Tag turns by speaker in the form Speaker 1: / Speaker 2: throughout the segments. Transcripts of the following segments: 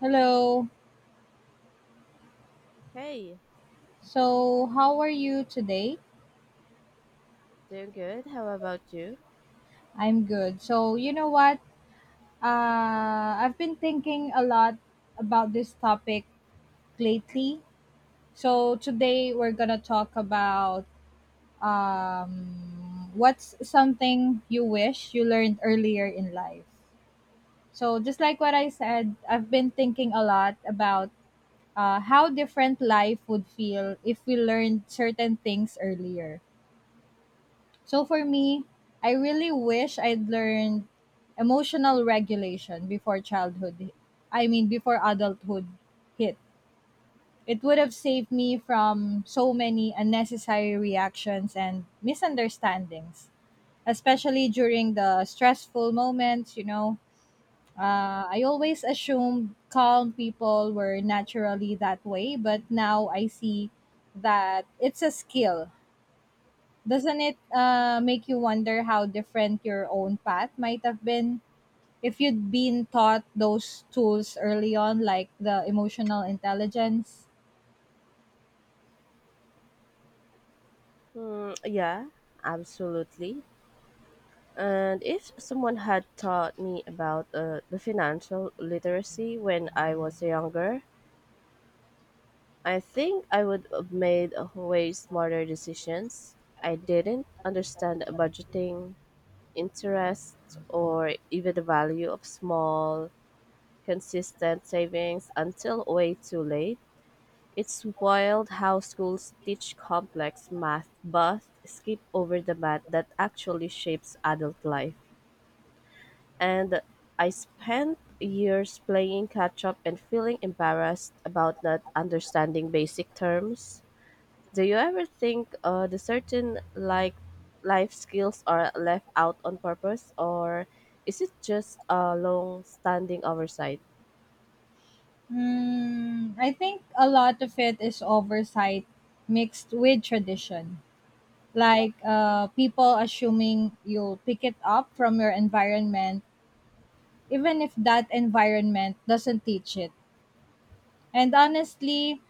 Speaker 1: Hello.
Speaker 2: Hey,
Speaker 1: So, how are you today?
Speaker 2: doing good. How about you?
Speaker 1: I'm good. So, you know what? I've been thinking a lot about this topic lately. So, today we're going to talk about what's something you wish you learned earlier in life. So, just like what I said, I've been thinking a lot about how different life would feel if we learned certain things earlier. So for me, I really wish I'd learned emotional regulation before childhood. I mean, before adulthood hit. It would have saved me from so many unnecessary reactions and misunderstandings, especially during the stressful moments, you know. I always assumed calm people were naturally that way, but now I see that it's a skill. Doesn't it make you wonder how different your own path might have been if you'd been taught those tools early on, like the emotional intelligence?
Speaker 2: Hmm, yeah, absolutely. And if someone had taught me about the financial literacy when I was younger, I think I would have made way smarter decisions. I didn't understand budgeting, interest, or even the value of small, consistent savings until way too late. It's wild how schools teach complex math but skip over the math that actually shapes adult life. And I spent years playing catch up and feeling embarrassed about not understanding basic terms. Do you ever think the certain like life skills are left out on purpose, or is it just a long standing oversight?
Speaker 1: Hmm. I think a lot of it is oversight mixed with tradition. Like people assuming you'll pick it up from your environment, even if that environment doesn't teach it. And honestly,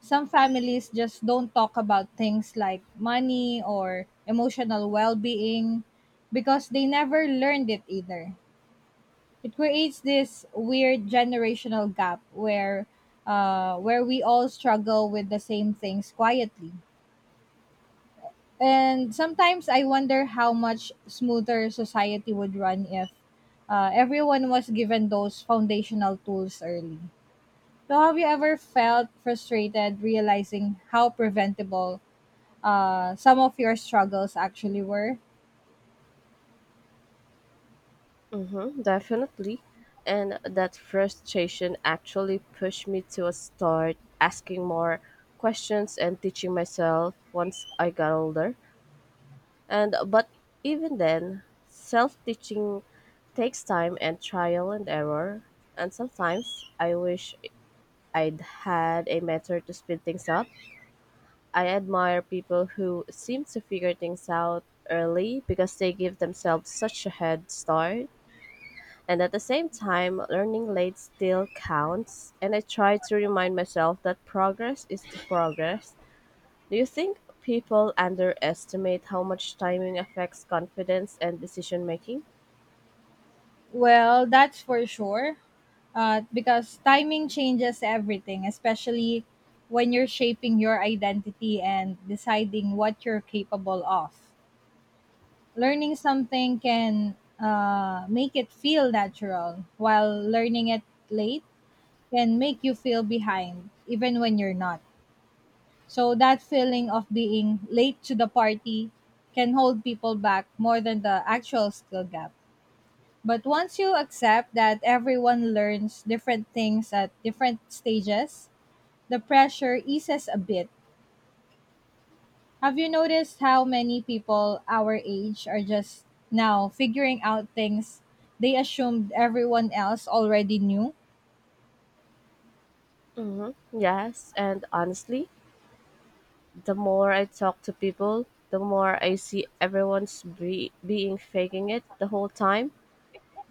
Speaker 1: some families just don't talk about things like money or emotional well being because they never learned it either. It creates this weird generational gap where we all struggle with the same things quietly. And sometimes I wonder how much smoother society would run if everyone was given those foundational tools early. So, have you ever felt frustrated realizing how preventable some of your struggles actually were?
Speaker 2: Mhm, definitely. And that frustration actually pushed me to start asking more questions and teaching myself once I got older. And but even then, self-teaching takes time and trial and error. And sometimes I wish I'd had a mentor to speed things up. I admire people who seem to figure things out early because they give themselves such a head start. And at the same time, learning late still counts. And I try to remind myself that progress is the progress. Do you think people underestimate how much timing affects confidence and decision making?
Speaker 1: Well, that's for sure. Because timing changes everything, especially when you're shaping your identity and deciding what you're capable of. Learning something can make it feel natural, while learning it late can make you feel behind, even when you're not. So, that feeling of being late to the party can hold people back more than the actual skill gap. But once you accept that everyone learns different things at different stages, the pressure eases a bit. Have you noticed how many people our age are just now figuring out things they assumed everyone else already knew?
Speaker 2: Hmm, yes, and honestly, the more I talk to people, the more I see everyone's being faking it the whole time.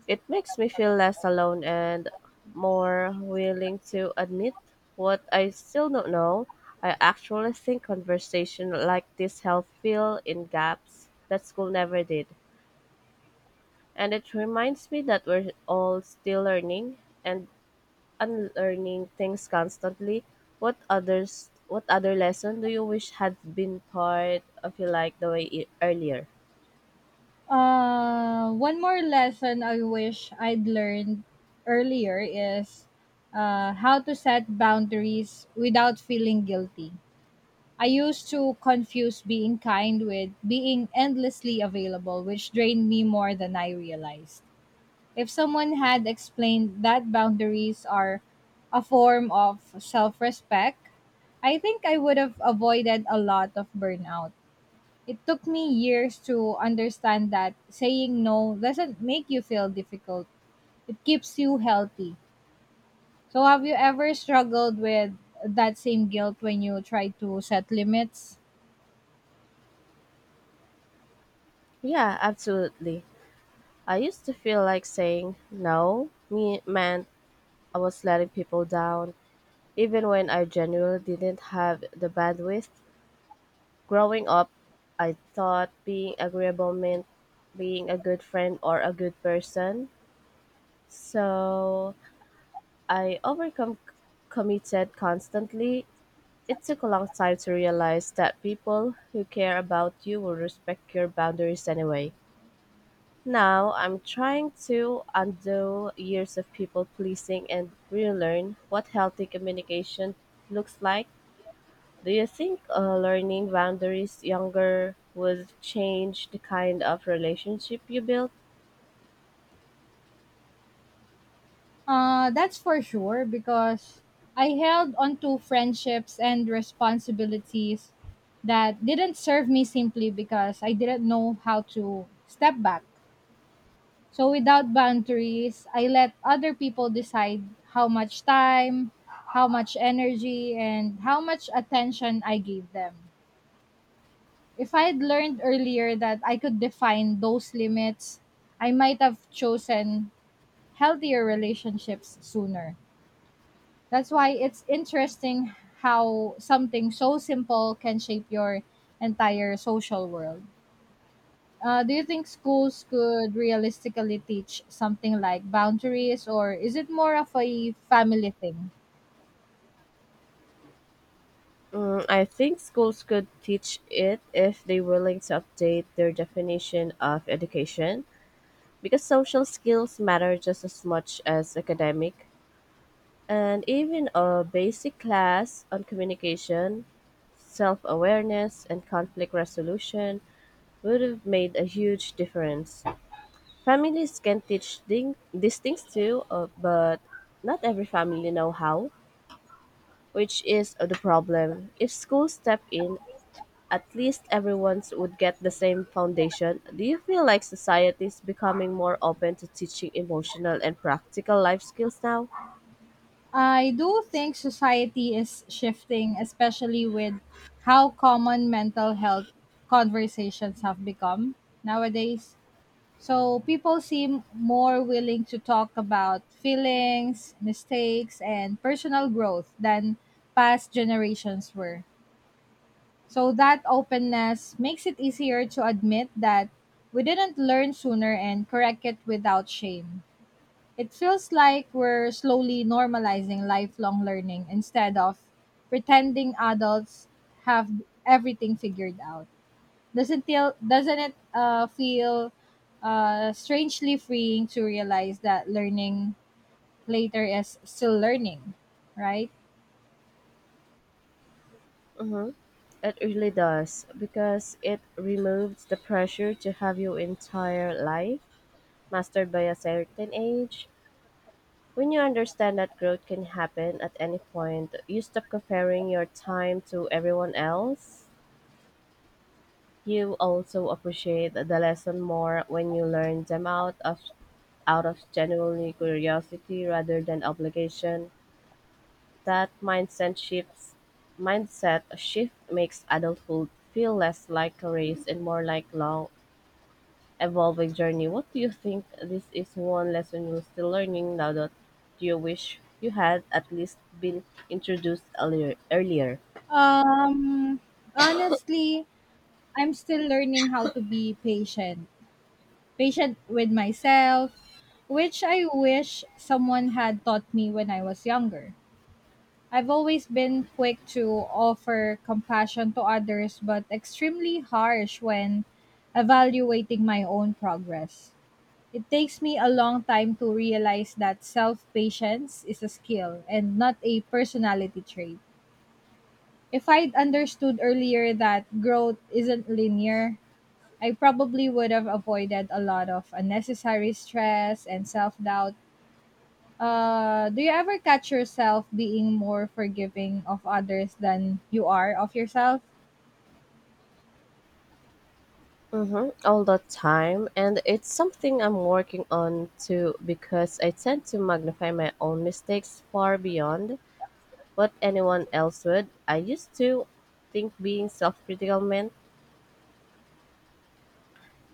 Speaker 2: It makes me feel less alone and more willing to admit what I still don't know. I actually think conversation like this help fill in gaps that school never did. And it reminds me that we're all still learning and unlearning things constantly. What others what other lesson do you wish had been part of your life the way it, earlier?
Speaker 1: One more lesson I wish I'd learned earlier is how to set boundaries without feeling guilty. I used to confuse being kind with being endlessly available, which drained me more than I realized. If someone had explained that boundaries are a form of self respect, I think I would have avoided a lot of burnout. It took me years to understand that saying no doesn't make you feel difficult, it keeps you healthy. So, have you ever struggled with that same guilt when you try to set limits?
Speaker 2: Yeah, absolutely. I used to feel like saying no me meant I was letting people down, even when I genuinely didn't have the bandwidth. Growing up, I thought being agreeable meant being a good friend or a good person. So I overcome committed constantly. It took a long time to realize that people who care about you will respect your boundaries anyway. Now I'm trying to undo years of people pleasing and relearn what healthy communication looks like. Do you think learning boundaries younger would change the kind of relationship you build?
Speaker 1: That's for sure because I held on to friendships and responsibilities that didn't serve me simply because I didn't know how to step back. So without boundaries, I let other people decide how much time, how much energy, and how much attention I gave them. If I had learned earlier that I could define those limits, I might have chosen healthier relationships sooner. That's why it's interesting how something so simple can shape your entire social world. Do you think schools could realistically teach something like boundaries, or is it more of a family thing?
Speaker 2: Mm, I think schools could teach it if they're willing to update their definition of education, because social skills matter just as much as academic. And even a basic class on communication, self awareness, and conflict resolution would have made a huge difference. Families can teach these things too, but not every family know how, which is the problem. If schools step in, at least everyone would get the same foundation. Do you feel like society is becoming more open to teaching emotional and practical life skills now?
Speaker 1: I do think society is shifting, especially with how common mental health conversations have become nowadays. So people seem more willing to talk about feelings, mistakes, and personal growth than past generations were. So that openness makes it easier to admit that we didn't learn sooner and correct it without shame. It feels like we're slowly normalizing lifelong learning instead of pretending adults have everything figured out. Doesn't it feel strangely freeing to realize that learning later is still learning, right?
Speaker 2: Mm-hmm. It really does, because it removes the pressure to have your entire life mastered by a certain age. When you understand that growth can happen at any point, you stop comparing your time to everyone else. You also appreciate the lesson more when you learn them out of genuinely curiosity rather than obligation. That mindset shift makes adulthood feel less like a race and more like long evolving journey. What do you think this is one lesson you're still learning now that you wish you had at least been introduced earlier?
Speaker 1: Um, honestly, I'm still learning how to be patient, patient with myself, which I wish someone had taught me when I was younger. I've always been quick to offer compassion to others, but extremely harsh when evaluating my own progress. It takes me a long time to realize that self patience is a skill and not a personality trait. If I'd understood earlier that growth isn't linear, I probably would have avoided a lot of unnecessary stress and self doubt. Do you ever catch yourself being more forgiving of others than you are of yourself?
Speaker 2: Mm-hmm, all the time, and it's something I'm working on too, because I tend to magnify my own mistakes far beyond what anyone else would. I used to think being self critical meant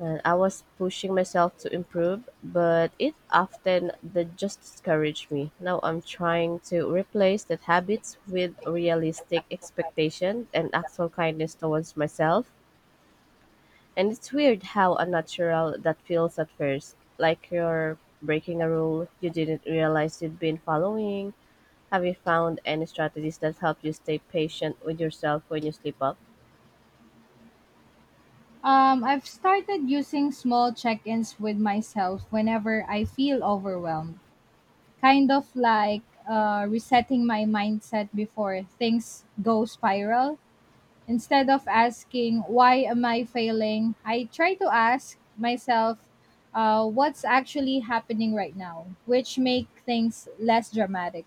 Speaker 2: and I was pushing myself to improve, but it often the just discouraged me. Now I'm trying to replace that habits with realistic expectation and actual kindness towards myself. And it's weird how unnatural that feels at first, like you're breaking a rule you didn't realize you'd been following. Have you found any strategies that help you stay patient with yourself when you slip up?
Speaker 1: I've started using small check ins with myself whenever I feel overwhelmed. Kind of like resetting my mindset before things go spiral. Instead of asking, why am I failing? I try to ask myself, what's actually happening right now, which make things less dramatic.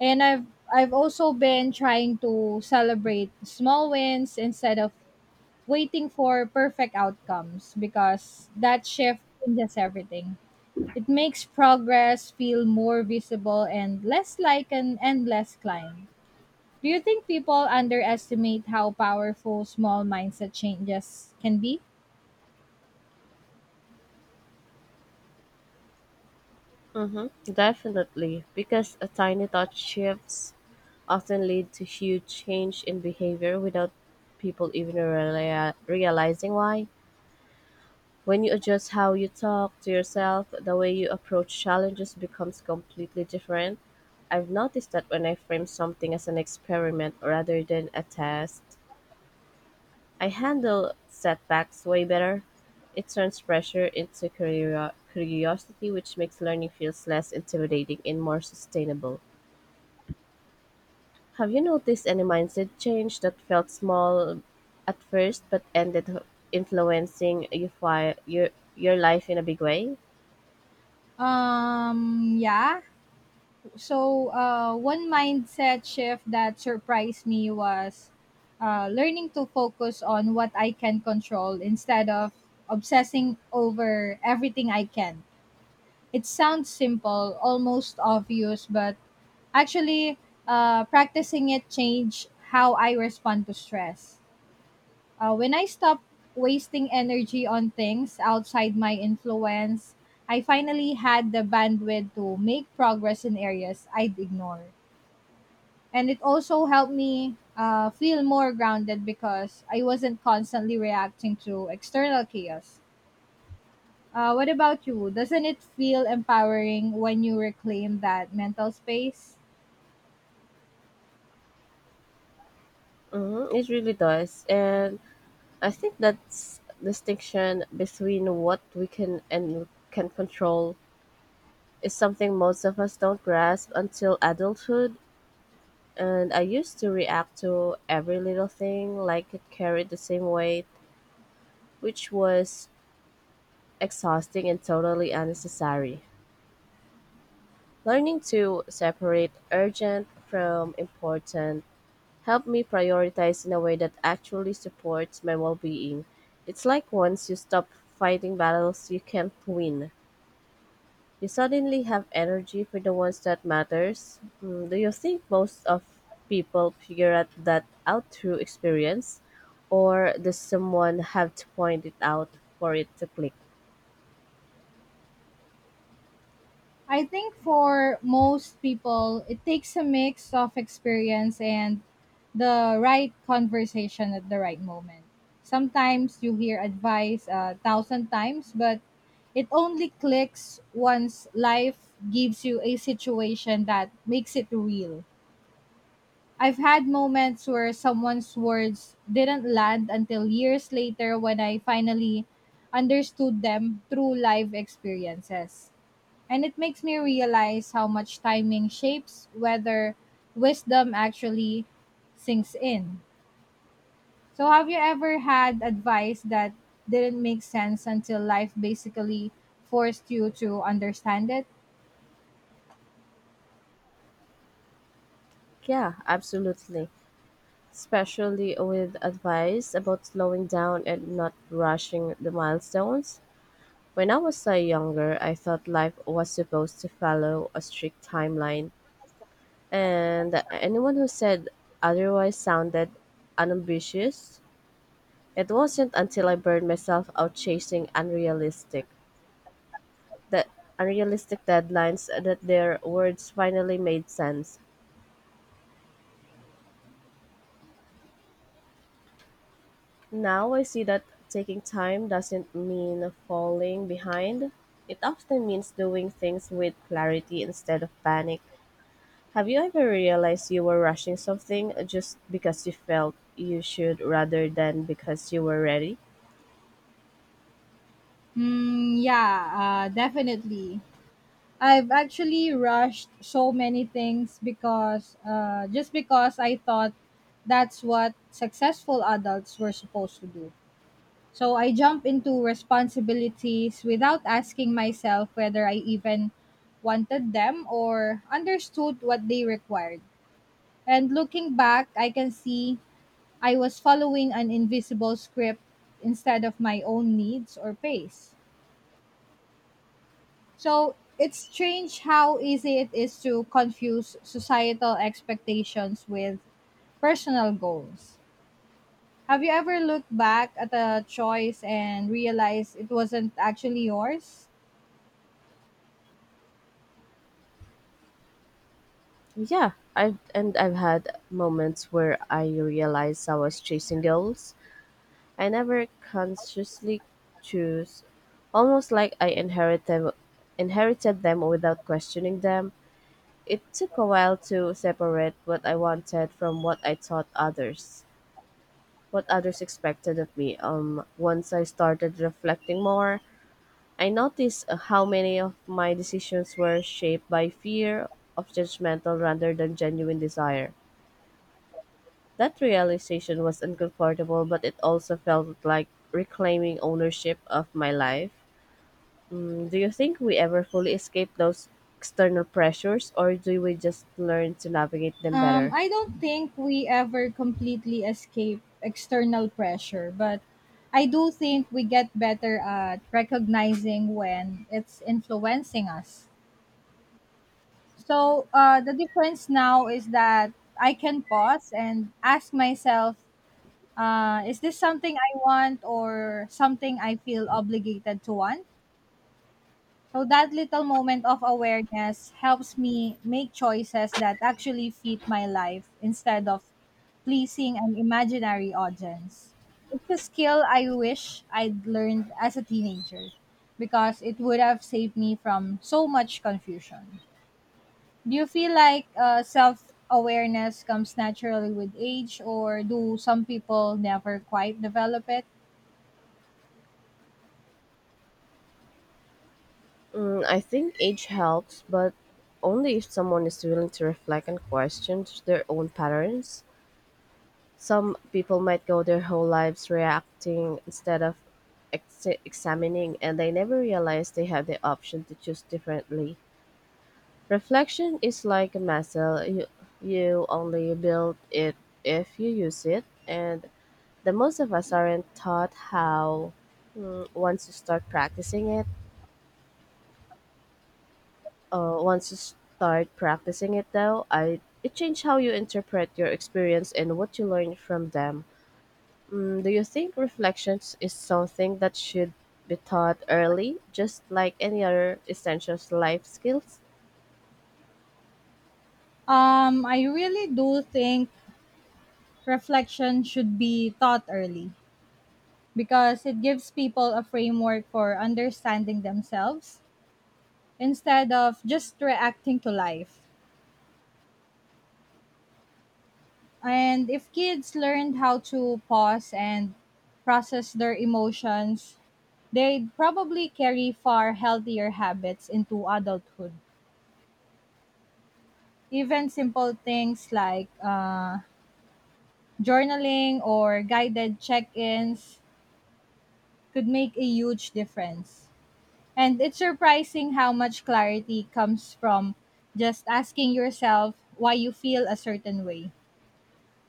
Speaker 1: And I've also been trying to celebrate small wins instead of waiting for perfect outcomes because that shift changes everything. It makes progress feel more visible and less like an endless climb. Do you think people underestimate how powerful small mindset changes can be?
Speaker 2: Mm-hmm, definitely, because a tiny touch shifts often lead to huge change in behavior without people even realizing why. When you adjust how you talk to yourself, the way you approach challenges becomes completely different. I've noticed that when I frame something as an experiment rather than a test, I handle setbacks way better. It turns pressure into curiosity, which makes learning feels less intimidating and more sustainable. Have you noticed any mindset change that felt small at first but influencing your fi- your life in a big way?
Speaker 1: Yeah. So, one mindset shift that surprised me was learning to focus on what I can control instead of obsessing over everything I can. It sounds simple, almost obvious, but actually, practicing it changed how I respond to stress. When I stopped wasting energy on things outside my influence, I finally had the bandwidth to make progress in areas I'd ignore. And it also helped me feel more grounded because I wasn't constantly reacting to external chaos. What about you? Doesn't it feel empowering when you reclaim that mental space?
Speaker 2: Hmm, it really does, and I think that's distinction between what we can and can control is something most of us don't grasp until adulthood. And I used to react to every little thing like it carried the same weight, which was exhausting and totally unnecessary. Learning to separate urgent from important helped me prioritize in a way that actually supports my well being. It's like once you stop fighting battles you can't win, you suddenly have energy for the ones that matters. Mm, do you think most of people figure out that out through experience? Or does someone have to point it out for it to click?
Speaker 1: I think for most people, it takes a mix of experience and the right conversation at the right moment. Sometimes you hear advice a thousand times, but it only clicks once life gives you a situation that makes it real. I've had moments where someone's words didn't land until years later when I finally understood them through live experiences. And it makes me realize how much timing shapes whether wisdom actually sinks in. So, have you ever had advice that didn't make sense until life basically forced you to understand it?
Speaker 2: Yeah, absolutely. Especially with advice about slowing down and not rushing the milestones. When I was younger, I thought life was supposed to follow a strict timeline, and anyone who said otherwise sounded unambitious. It wasn't until I burned myself out chasing that unrealistic deadlines that their words finally made sense. Now I see that taking time doesn't mean falling behind. It often means doing things with clarity instead of panic. Have you ever realized you were rushing something just because you felt you should rather than because you were ready?
Speaker 1: Mm, yeah, definitely. I've actually rushed so many things because just because I thought that's what successful adults were supposed to do. So I jump into responsibilities without asking myself whether I even wanted them or understood what they required. And looking back, I can see I was following an invisible script instead of my own needs or pace. So it's strange how easy it is to confuse societal expectations with personal goals. Have you ever looked back at a choice and realized it wasn't actually yours?
Speaker 2: Yeah, I've had moments where I realized I was chasing goals I never consciously choose, almost like I inherited them without questioning them. It took a while to separate what I wanted from what I thought others what others expected of me. Um, once I started reflecting more, I noticed how many of my decisions were shaped by fear of judgmental rather than genuine desire. That realization was uncomfortable, but it also felt like reclaiming ownership of my life. Mm, do you think we ever fully escape those external pressures, or do we just learn to navigate them better?
Speaker 1: I don't think we ever completely escape external pressure, but I do think we get better at recognizing when it's influencing us. So the difference now is that I can pause and ask myself, is this something I want or something I feel obligated to want? So that little moment of awareness helps me make choices that actually fit my life instead of pleasing an imaginary audience. It's a skill I wish I'd learned as a teenager because it would have saved me from so much confusion. Do you feel like self awareness comes naturally with age, or do some people never quite develop it?
Speaker 2: Mm, I think age helps, but only if someone is willing to reflect and question their own patterns. Some people might go their whole lives reacting instead of examining, and they never realize they have the option to choose differently. Reflection is like a muscle, you only build it if you use it, and the most of us aren't taught how. Mm, once you start practicing it though, I, it changed how you interpret your experience and what you learn from them. Mm, do you think reflections is something that should be taught early just like any other essential life skills?
Speaker 1: I really do think reflection should be taught early because it gives people a framework for understanding themselves instead of just reacting to life. And if kids learned how to pause and process their emotions, they'd probably carry far healthier habits into adulthood. Even simple things like journaling or guided check ins could make a huge difference. And it's surprising how much clarity comes from just asking yourself why you feel a certain way.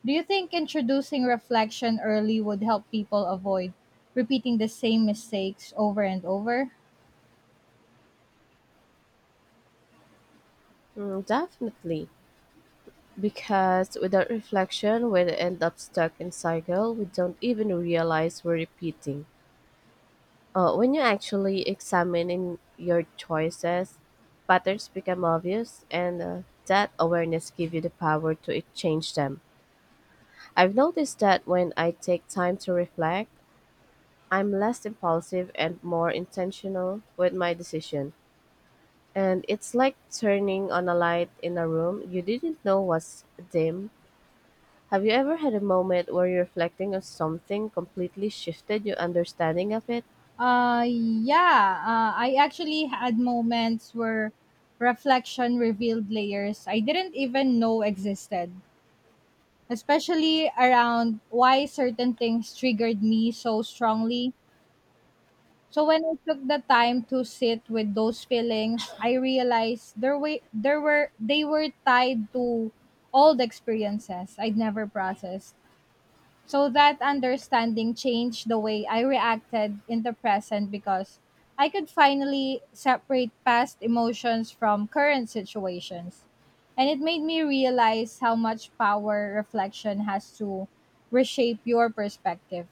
Speaker 1: Do you think introducing reflection early would help people avoid repeating the same mistakes over and over?
Speaker 2: Mm, definitely, because without reflection we end up stuck in cycle we don't even realize we're repeating. When you actually examine in your choices, patterns become obvious, and that awareness gives you the power to change them. I've noticed that when I take time to reflect, I'm less impulsive and more intentional with my decision. And it's like turning on a light in a room you didn't know was dim. Have you ever had a moment where you're reflecting on something completely shifted your understanding of it?
Speaker 1: Uh, yeah, I actually had moments where reflection revealed layers I didn't even know existed, especially around why certain things triggered me so strongly. So when I took the time to sit with those feelings, I realized there were they were tied to old experiences I'd never processed. So that understanding changed the way I reacted in the present because I could finally separate past emotions from current situations. And it made me realize how much power reflection has to reshape your perspective.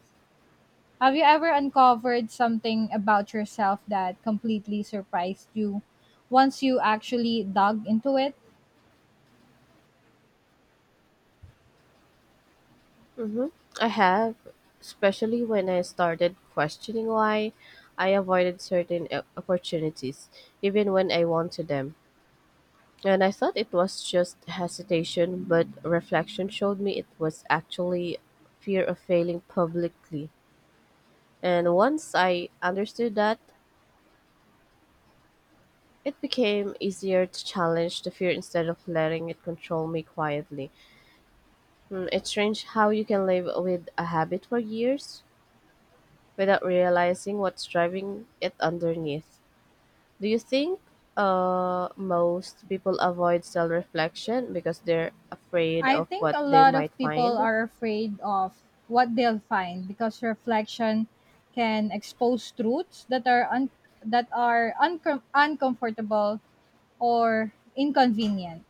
Speaker 1: Have you ever uncovered something about yourself that completely surprised you once you actually dug into it?
Speaker 2: Hmm, I have, especially when I started questioning why I avoided certain opportunities, even when I wanted them. And I thought it was just hesitation, but reflection showed me it was actually fear of failing publicly. And once I understood that, it became easier to challenge the fear instead of letting it control me quietly. Mm, it's strange how you can live with a habit for years without realizing what's driving it underneath. Do you think most people avoid self reflection because they're afraid
Speaker 1: I
Speaker 2: of
Speaker 1: think
Speaker 2: what
Speaker 1: a
Speaker 2: they
Speaker 1: lot
Speaker 2: might
Speaker 1: of people
Speaker 2: find?
Speaker 1: are afraid of what they'll find because reflection can expose truths that are un- that are uncom- uncomfortable or inconvenient.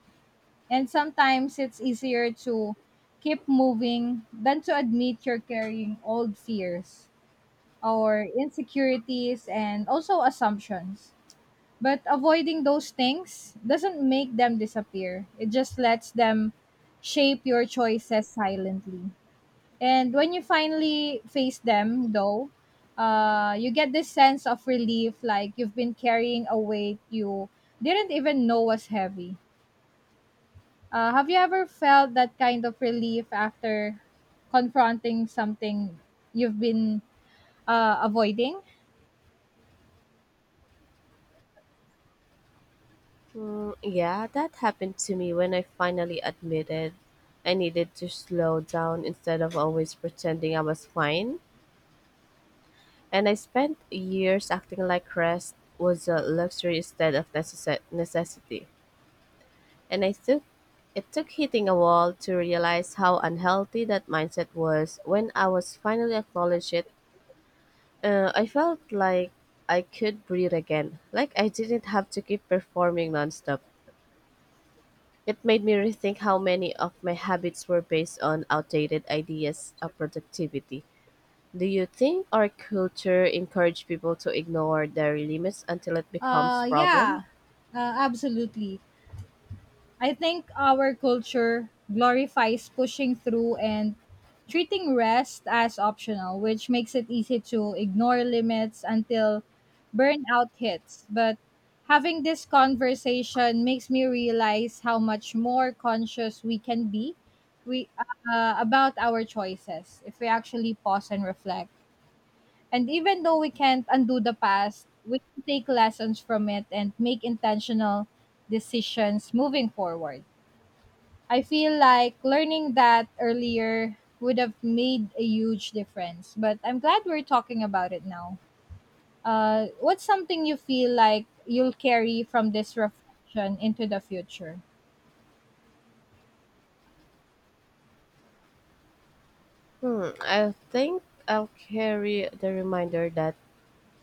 Speaker 1: And sometimes it's easier to keep moving than to admit you're carrying old fears, our insecurities and also assumptions. But avoiding those things doesn't make them disappear. It just lets them shape your choices silently. And when you finally face them, though, you get this sense of relief like you've been carrying a weight you didn't even know was heavy. Have you ever felt that kind of relief after confronting something you've been avoiding?
Speaker 2: Mm, yeah, that happened to me when I finally admitted I needed to slow down instead of always pretending I was fine. And I spent years acting like rest was a luxury instead of necessity. And I took it took hitting a wall to realize how unhealthy that mindset was. When I was finally acknowledged it, I felt like I could breathe again, like I didn't have to keep performing nonstop. It made me rethink how many of my habits were based on outdated ideas of productivity. Do you think our culture encourage people to ignore their limits until it becomes problem?
Speaker 1: Yeah, absolutely. I think our culture glorifies pushing through and treating rest as optional, which makes it easy to ignore limits until burnout hits. But having this conversation makes me realize how much more conscious we can be we about our choices if we actually pause and reflect. And even though we can't undo the past, we can take lessons from it and make intentional decisions moving forward. I feel like learning that earlier would have made a huge difference, but I'm glad we're talking about it now. What's something you feel like you'll carry from this reflection into the future?
Speaker 2: Hmm, I think I'll carry the reminder that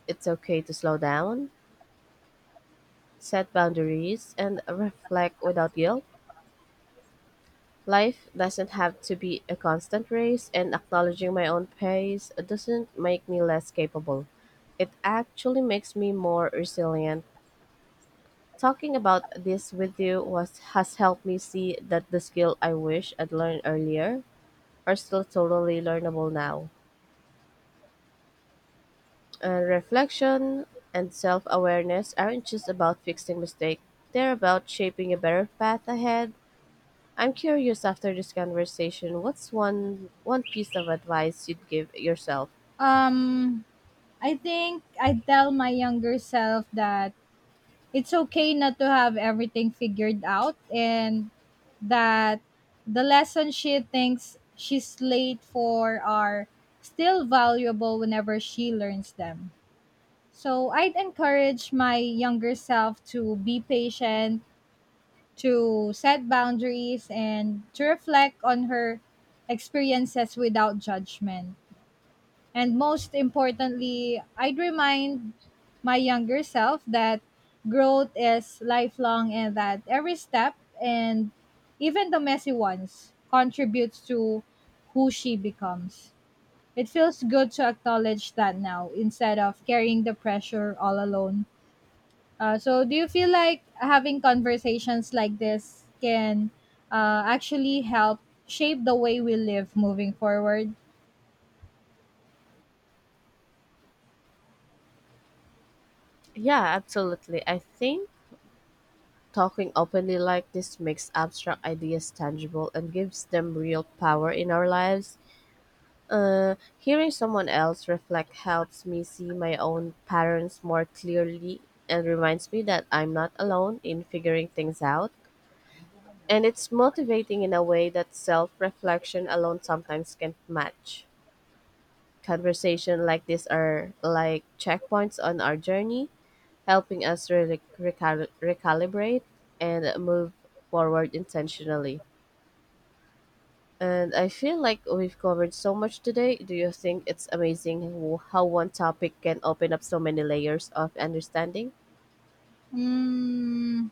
Speaker 2: it's okay to slow down, set boundaries, and reflect without guilt. Life doesn't have to be a constant race, and acknowledging my own pace doesn't make me less capable. It actually makes me more resilient. Talking about this with you was has helped me see that the skill I wish I'd learned earlier are still totally learnable now. And reflection and self awareness aren't just about fixing mistakes, they're about shaping a better path ahead. I'm curious, after this conversation, what's one piece of advice you'd give yourself?
Speaker 1: Um, I think I tell my younger self that it's okay not to have everything figured out and that the lessons she thinks she's late for are still valuable whenever she learns them. So I'd encourage my younger self to be patient, to set boundaries, and to reflect on her experiences without judgment. And most importantly, I'd remind my younger self that growth is lifelong and that every step and even the messy ones contributes to who she becomes. It feels good to acknowledge that now instead of carrying the pressure all alone. So, do you feel like having conversations like this can actually help shape the way we live moving forward?
Speaker 2: Yeah, absolutely. I think talking openly like this makes abstract ideas tangible and gives them real power in our lives. Hearing someone else reflect helps me see my own patterns more clearly and reminds me that I'm not alone in figuring things out. And it's motivating in a way that self reflection alone sometimes can't match. Conversation like this are like checkpoints on our journey, helping us recalibrate and move forward intentionally. And I feel like we've covered so much today. Do you think it's amazing how one topic can open up so many layers of understanding?
Speaker 1: Mm,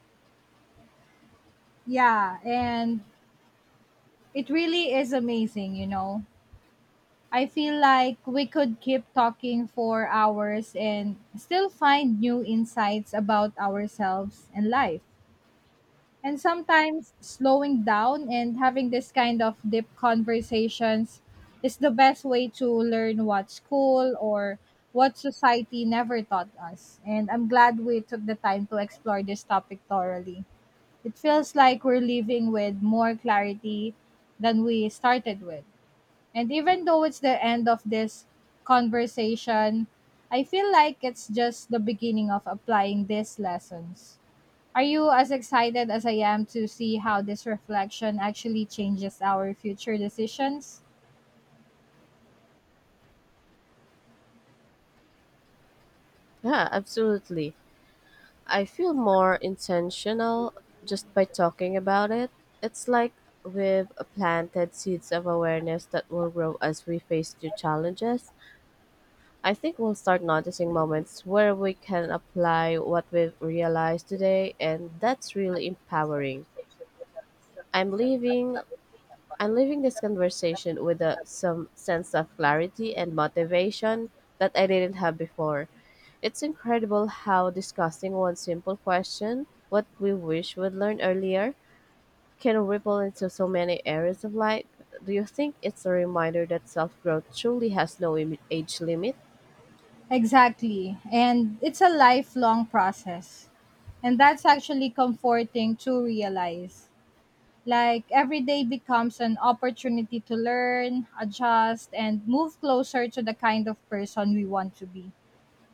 Speaker 1: yeah, and it really is amazing, you know. I feel like we could keep talking for hours and still find new insights about ourselves and life. And sometimes slowing down and having this kind of deep conversations is the best way to learn what school or what society never taught us. And I'm glad we took the time to explore this topic thoroughly. It feels like we're leaving with more clarity than we started with. And even though it's the end of this conversation, I feel like it's just the beginning of applying these lessons. Are you as excited as I am to see how this reflection actually changes our future decisions?
Speaker 2: Yeah, absolutely. I feel more intentional just by talking about it. It's like we've planted seeds of awareness that will grow as we face new challenges. I think we'll start noticing moments where we can apply what we've realized today, and that's really empowering. I'm leaving I'm leaving this conversation with some sense of clarity and motivation that I didn't have before. It's incredible how discussing one simple question, what we wish we'd learned earlier, can ripple into so many areas of life. Do you think it's a reminder that self growth truly has no age limit?
Speaker 1: Exactly. And it's a lifelong process. And that's actually comforting to realize. Like every day becomes an opportunity to learn, adjust, and move closer to the kind of person we want to be.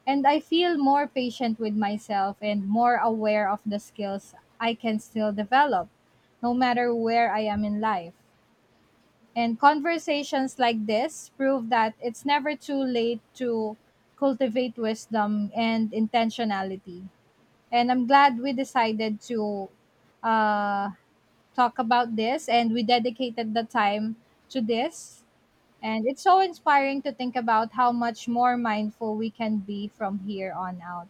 Speaker 1: And I feel more patient with myself and more aware of the skills I can still develop, no matter where I am in life. And conversations like this prove that it's never too late to cultivate wisdom and intentionality. And I'm glad we decided to uh, talk about this and we dedicated the time to this, and it's so inspiring to think about how much more mindful we can be from here on out.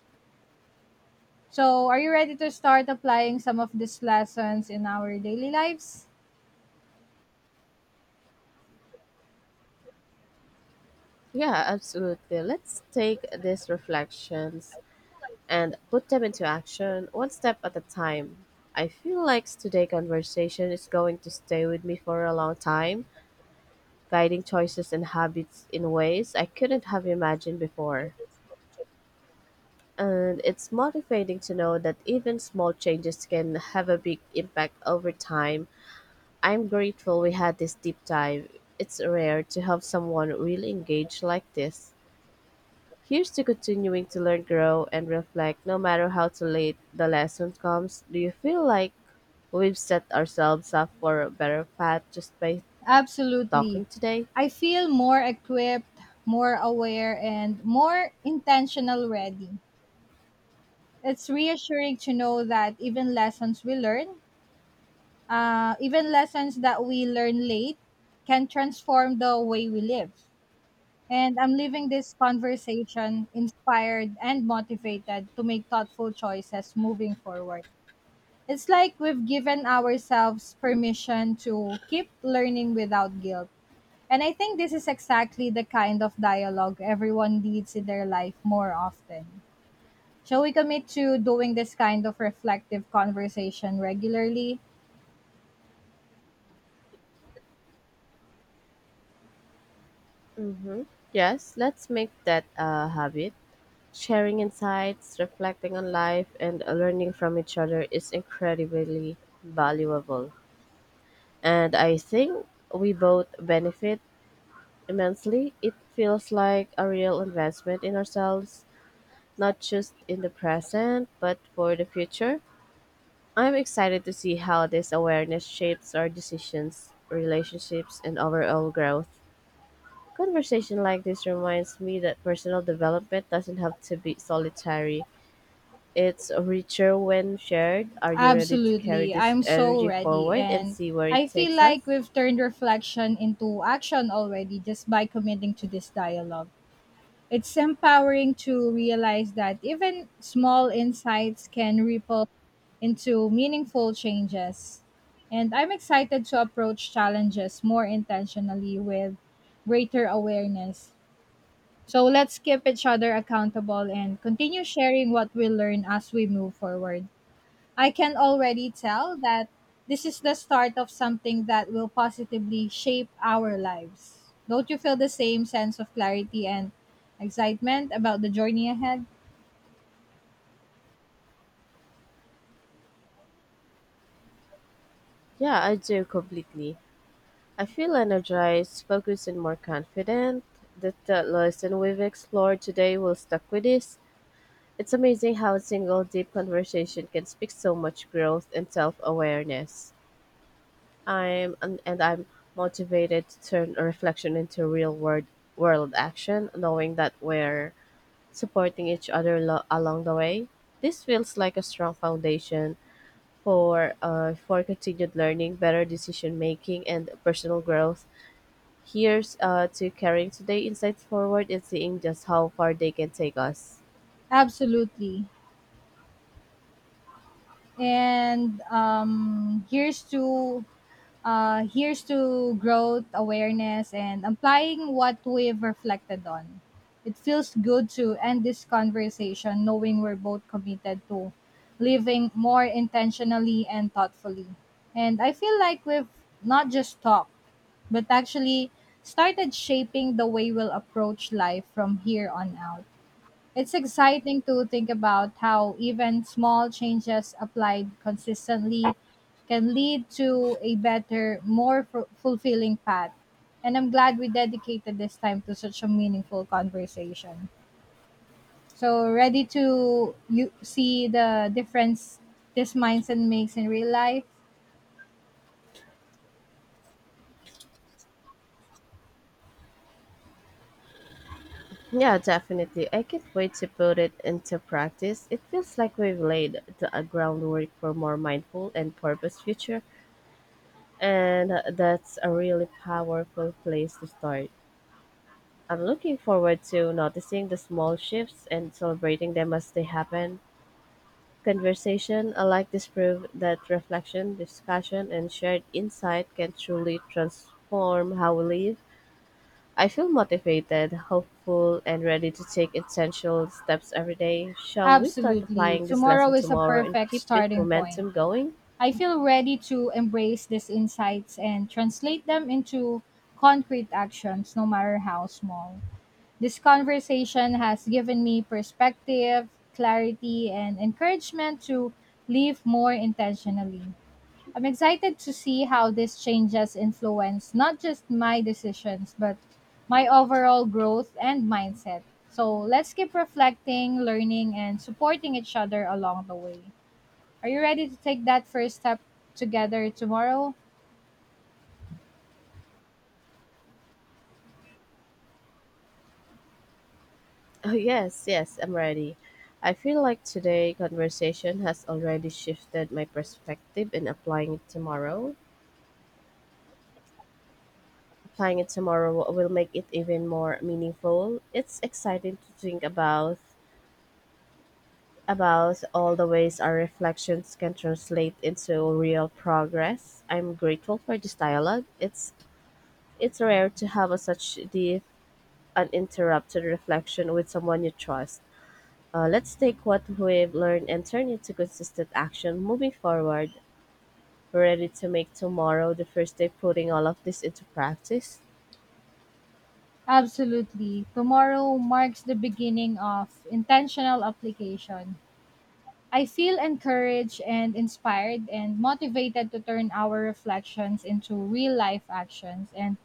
Speaker 1: So are you ready to start applying some of these lessons in our daily lives?
Speaker 2: Yeah, absolutely. Let's take these reflections and put them into action one step at a time. I feel like today's conversation is going to stay with me for a long time, guiding choices and habits in ways I couldn't have imagined before. And it's motivating to know that even small changes can have a big impact over time. I'm grateful we had this deep dive. It's rare to have someone really engaged like this. Here's to continuing to learn, grow, and reflect no matter how too late the lesson comes. Do you feel like we've set ourselves up for a better path just by
Speaker 1: Absolutely.
Speaker 2: talking today?
Speaker 1: I feel more equipped, more aware, and more intentional. Ready. It's reassuring to know that even lessons that we learn late can transform the way we live. And I'm leaving this conversation inspired and motivated to make thoughtful choices moving forward. It's like we've given ourselves permission to keep learning without guilt. And I think this is exactly the kind of dialogue everyone needs in their life more often. Shall we commit to doing this kind of reflective conversation regularly?
Speaker 2: Mm-hmm. Yes, let's make that a habit. Sharing insights, reflecting on life, and learning from each other is incredibly valuable. And I think we both benefit immensely. It feels like a real investment in ourselves, not just in the present, but for the future. I'm excited to see how this awareness shapes our decisions, relationships, and overall growth. Conversation like this reminds me that personal development doesn't have to be solitary. It's richer when shared. Are you ready to carry
Speaker 1: Absolutely.
Speaker 2: this
Speaker 1: I'm so
Speaker 2: energy
Speaker 1: ready.
Speaker 2: forward and
Speaker 1: And
Speaker 2: see where it
Speaker 1: I feel
Speaker 2: takes us?
Speaker 1: like we've turned reflection into action already just by committing to this dialogue. It's empowering to realize that even small insights can ripple into meaningful changes. And I'm excited to approach challenges more intentionally with greater awareness. So let's keep each other accountable and continue sharing what we learn as we move forward. I can already tell that this is the start of something that will positively shape our lives. Don't you feel the same sense of clarity and excitement about the journey ahead?
Speaker 2: Yeah, I do completely. I feel energized, focused, and more confident that the lesson we've explored today will stuck with us. It's amazing how a single deep conversation can speak so much growth and self-awareness. And I'm motivated to turn a reflection into real world action, knowing that we're supporting each other along the way. This feels like a strong foundation for continued learning, better decision making, and personal growth. Here's to carrying today insights forward and seeing just how far they can take us.
Speaker 1: Absolutely. And here's to growth, awareness, and applying what we've reflected on. It feels good to end this conversation knowing we're both committed to living more intentionally and thoughtfully. And I feel like we've not just talked, but actually started shaping the way we'll approach life from here on out. It's exciting to think about how even small changes applied consistently can lead to a better, more fulfilling path. And I'm glad we dedicated this time to such a meaningful conversation. So, ready to you see the difference this mindset makes in real life?
Speaker 2: Yeah, definitely. I can't wait to put it into practice. It feels like we've laid the groundwork for more mindful and purpose future, and that's a really powerful place to start. I'm looking forward to noticing the small shifts and celebrating them as they happen. Conversation like this prove that reflection, discussion, and shared insight can truly transform how we live. I feel motivated, hopeful, and ready to take essential steps every day. Shall we start
Speaker 1: Absolutely.
Speaker 2: applying this
Speaker 1: Tomorrow
Speaker 2: lesson
Speaker 1: is a
Speaker 2: tomorrow and
Speaker 1: perfect
Speaker 2: keep it
Speaker 1: starting point.
Speaker 2: momentum going?
Speaker 1: I feel ready to embrace these insights and translate them into concrete actions, no matter how small. This conversation has given me perspective, clarity, and encouragement to live more intentionally. I'm excited to see how these changes influence not just my decisions, but my overall growth and mindset. So let's keep reflecting, learning, and supporting each other along the way. Are you ready to take that first step together tomorrow?
Speaker 2: Oh, yes, yes, I'm ready. I feel like today conversation has already shifted my perspective in applying it tomorrow. Applying it tomorrow will make it even more meaningful. It's exciting to think about all the ways our reflections can translate into real progress. I'm grateful for this dialogue. It's rare to have a such deep, uninterrupted reflection with someone you trust. Let's take what we've learned and turn it to consistent action moving forward. Ready to make tomorrow the first day putting all of this into practice?
Speaker 1: Absolutely. Tomorrow marks the beginning of intentional application. I feel encouraged and inspired and motivated to turn our reflections into real life actions. And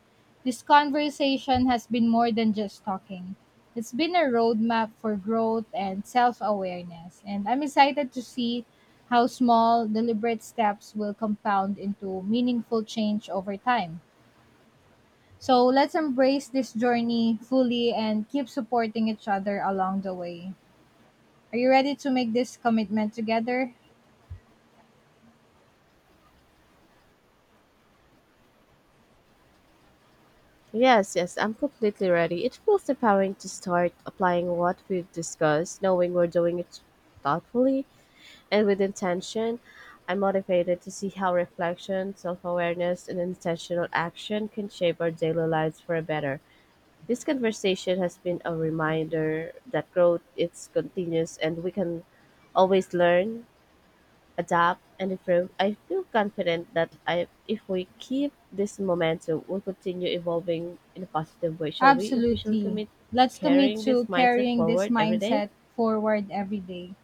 Speaker 1: this conversation has been more than just talking. It's been a roadmap for growth and self awareness. And I'm excited to see how small, deliberate steps will compound into meaningful change over time. So let's embrace this journey fully and keep supporting each other along the way. Are you ready to make this commitment together?
Speaker 2: Yes, yes, I'm completely ready. It feels empowering to start applying what we've discussed, knowing we're doing it thoughtfully and with intention. I'm motivated to see how reflection, self awareness, and intentional action can shape our daily lives for a better. This conversation has been a reminder that growth is continuous and we can always learn, adapt, and improve. I feel confident that, I, if we keep this momentum, we'll continue evolving in a positive way. Shall we officially
Speaker 1: Absolutely.
Speaker 2: commit
Speaker 1: Let's commit
Speaker 2: carrying this
Speaker 1: to
Speaker 2: mindset
Speaker 1: carrying this
Speaker 2: forward every day?
Speaker 1: mindset forward every day.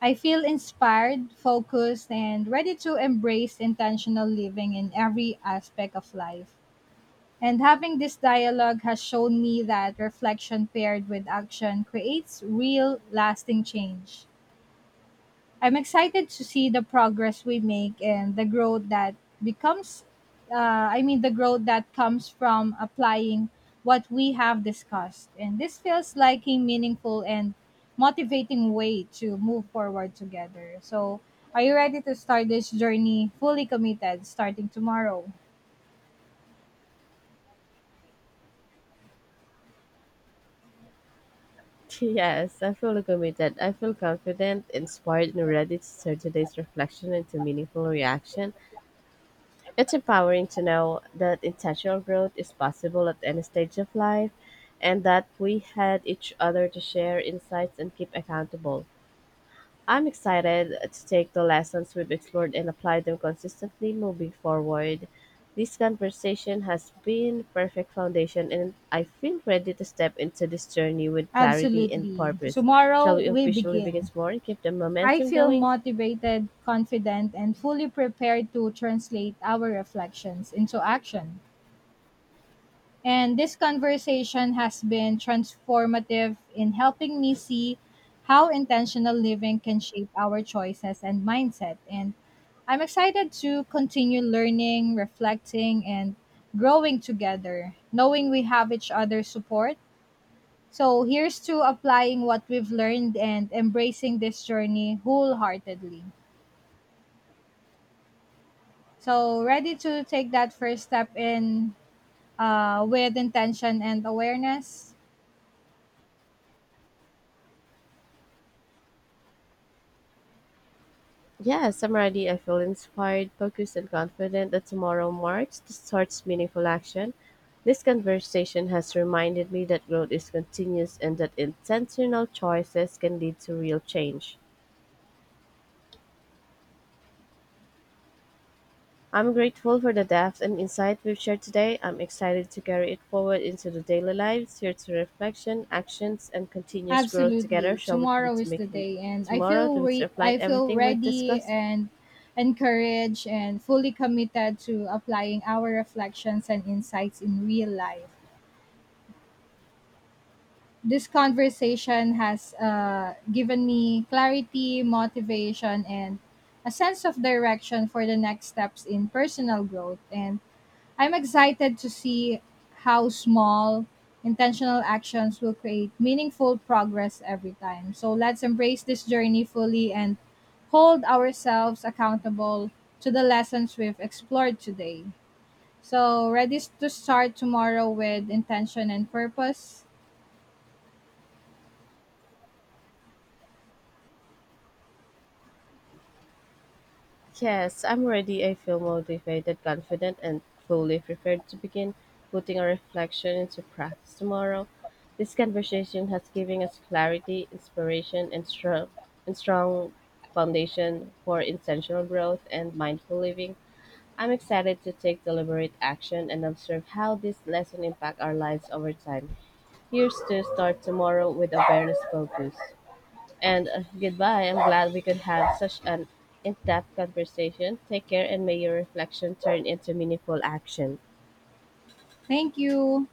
Speaker 1: I feel inspired, focused, and ready to embrace intentional living in every aspect of life. And having this dialogue has shown me that reflection paired with action creates real, lasting change. I'm excited to see the progress we make and the growth that becomes I mean the growth that comes from applying what we have discussed. And this feels like a meaningful and motivating way to move forward together. So are you ready to start this journey fully committed starting tomorrow?
Speaker 2: Yes, I feel committed. I feel confident, inspired, and ready to turn today's reflection into meaningful reaction. It's empowering to know that intentional growth is possible at any stage of life and that we had each other to share insights and keep accountable. I'm excited to take the lessons we've explored and apply them consistently moving forward. This conversation has been perfect foundation and I feel ready to step into this journey with clarity and
Speaker 1: Absolutely.
Speaker 2: purpose.
Speaker 1: Tomorrow
Speaker 2: Shall we
Speaker 1: we
Speaker 2: officially begin
Speaker 1: begin.
Speaker 2: tomorrow and keep the
Speaker 1: I
Speaker 2: momentum
Speaker 1: feel
Speaker 2: going?
Speaker 1: motivated, confident, and fully prepared to translate our reflections into action. And this conversation has been transformative in helping me see how intentional living can shape our choices and mindset. And I'm excited to continue learning, reflecting, and growing together, knowing we have each other's support. So here's to applying what we've learned and embracing this journey wholeheartedly. So, ready to take that first step in, with intention and awareness?
Speaker 2: Yeah, I feel inspired, focused, and confident that tomorrow marks the starts meaningful action. This conversation has reminded me that growth is continuous and that intentional choices can lead to real change. I'm grateful for the depth and insight we've shared today. I'm excited to carry it forward into the daily lives, here to reflection, actions, and continuous growth together.
Speaker 1: Absolutely.
Speaker 2: Shall we commit
Speaker 1: Tomorrow
Speaker 2: to
Speaker 1: is the
Speaker 2: making
Speaker 1: day and
Speaker 2: tomorrow to
Speaker 1: I
Speaker 2: reflect
Speaker 1: feel
Speaker 2: everything we've
Speaker 1: ready
Speaker 2: discussed?
Speaker 1: and encouraged and fully committed to applying our reflections and insights in real life. This conversation has given me clarity, motivation, and a sense of direction for the next steps in personal growth. And I'm excited to see how small, intentional actions will create meaningful progress every time. So let's embrace this journey fully and hold ourselves accountable to the lessons we've explored today. So, ready to start tomorrow with intention and purpose?
Speaker 2: Yes, I'm ready. I feel motivated, confident, and fully prepared to begin putting our reflection into practice tomorrow. This conversation has given us clarity, inspiration, and strong foundation for intentional growth and mindful living. I'm excited to take deliberate action and observe how this lesson impact our lives over time. Here's to start tomorrow with awareness focus. And goodbye. I'm glad we could have such an in depth conversation. Take care and may your reflection turn into meaningful action.
Speaker 1: Thank you.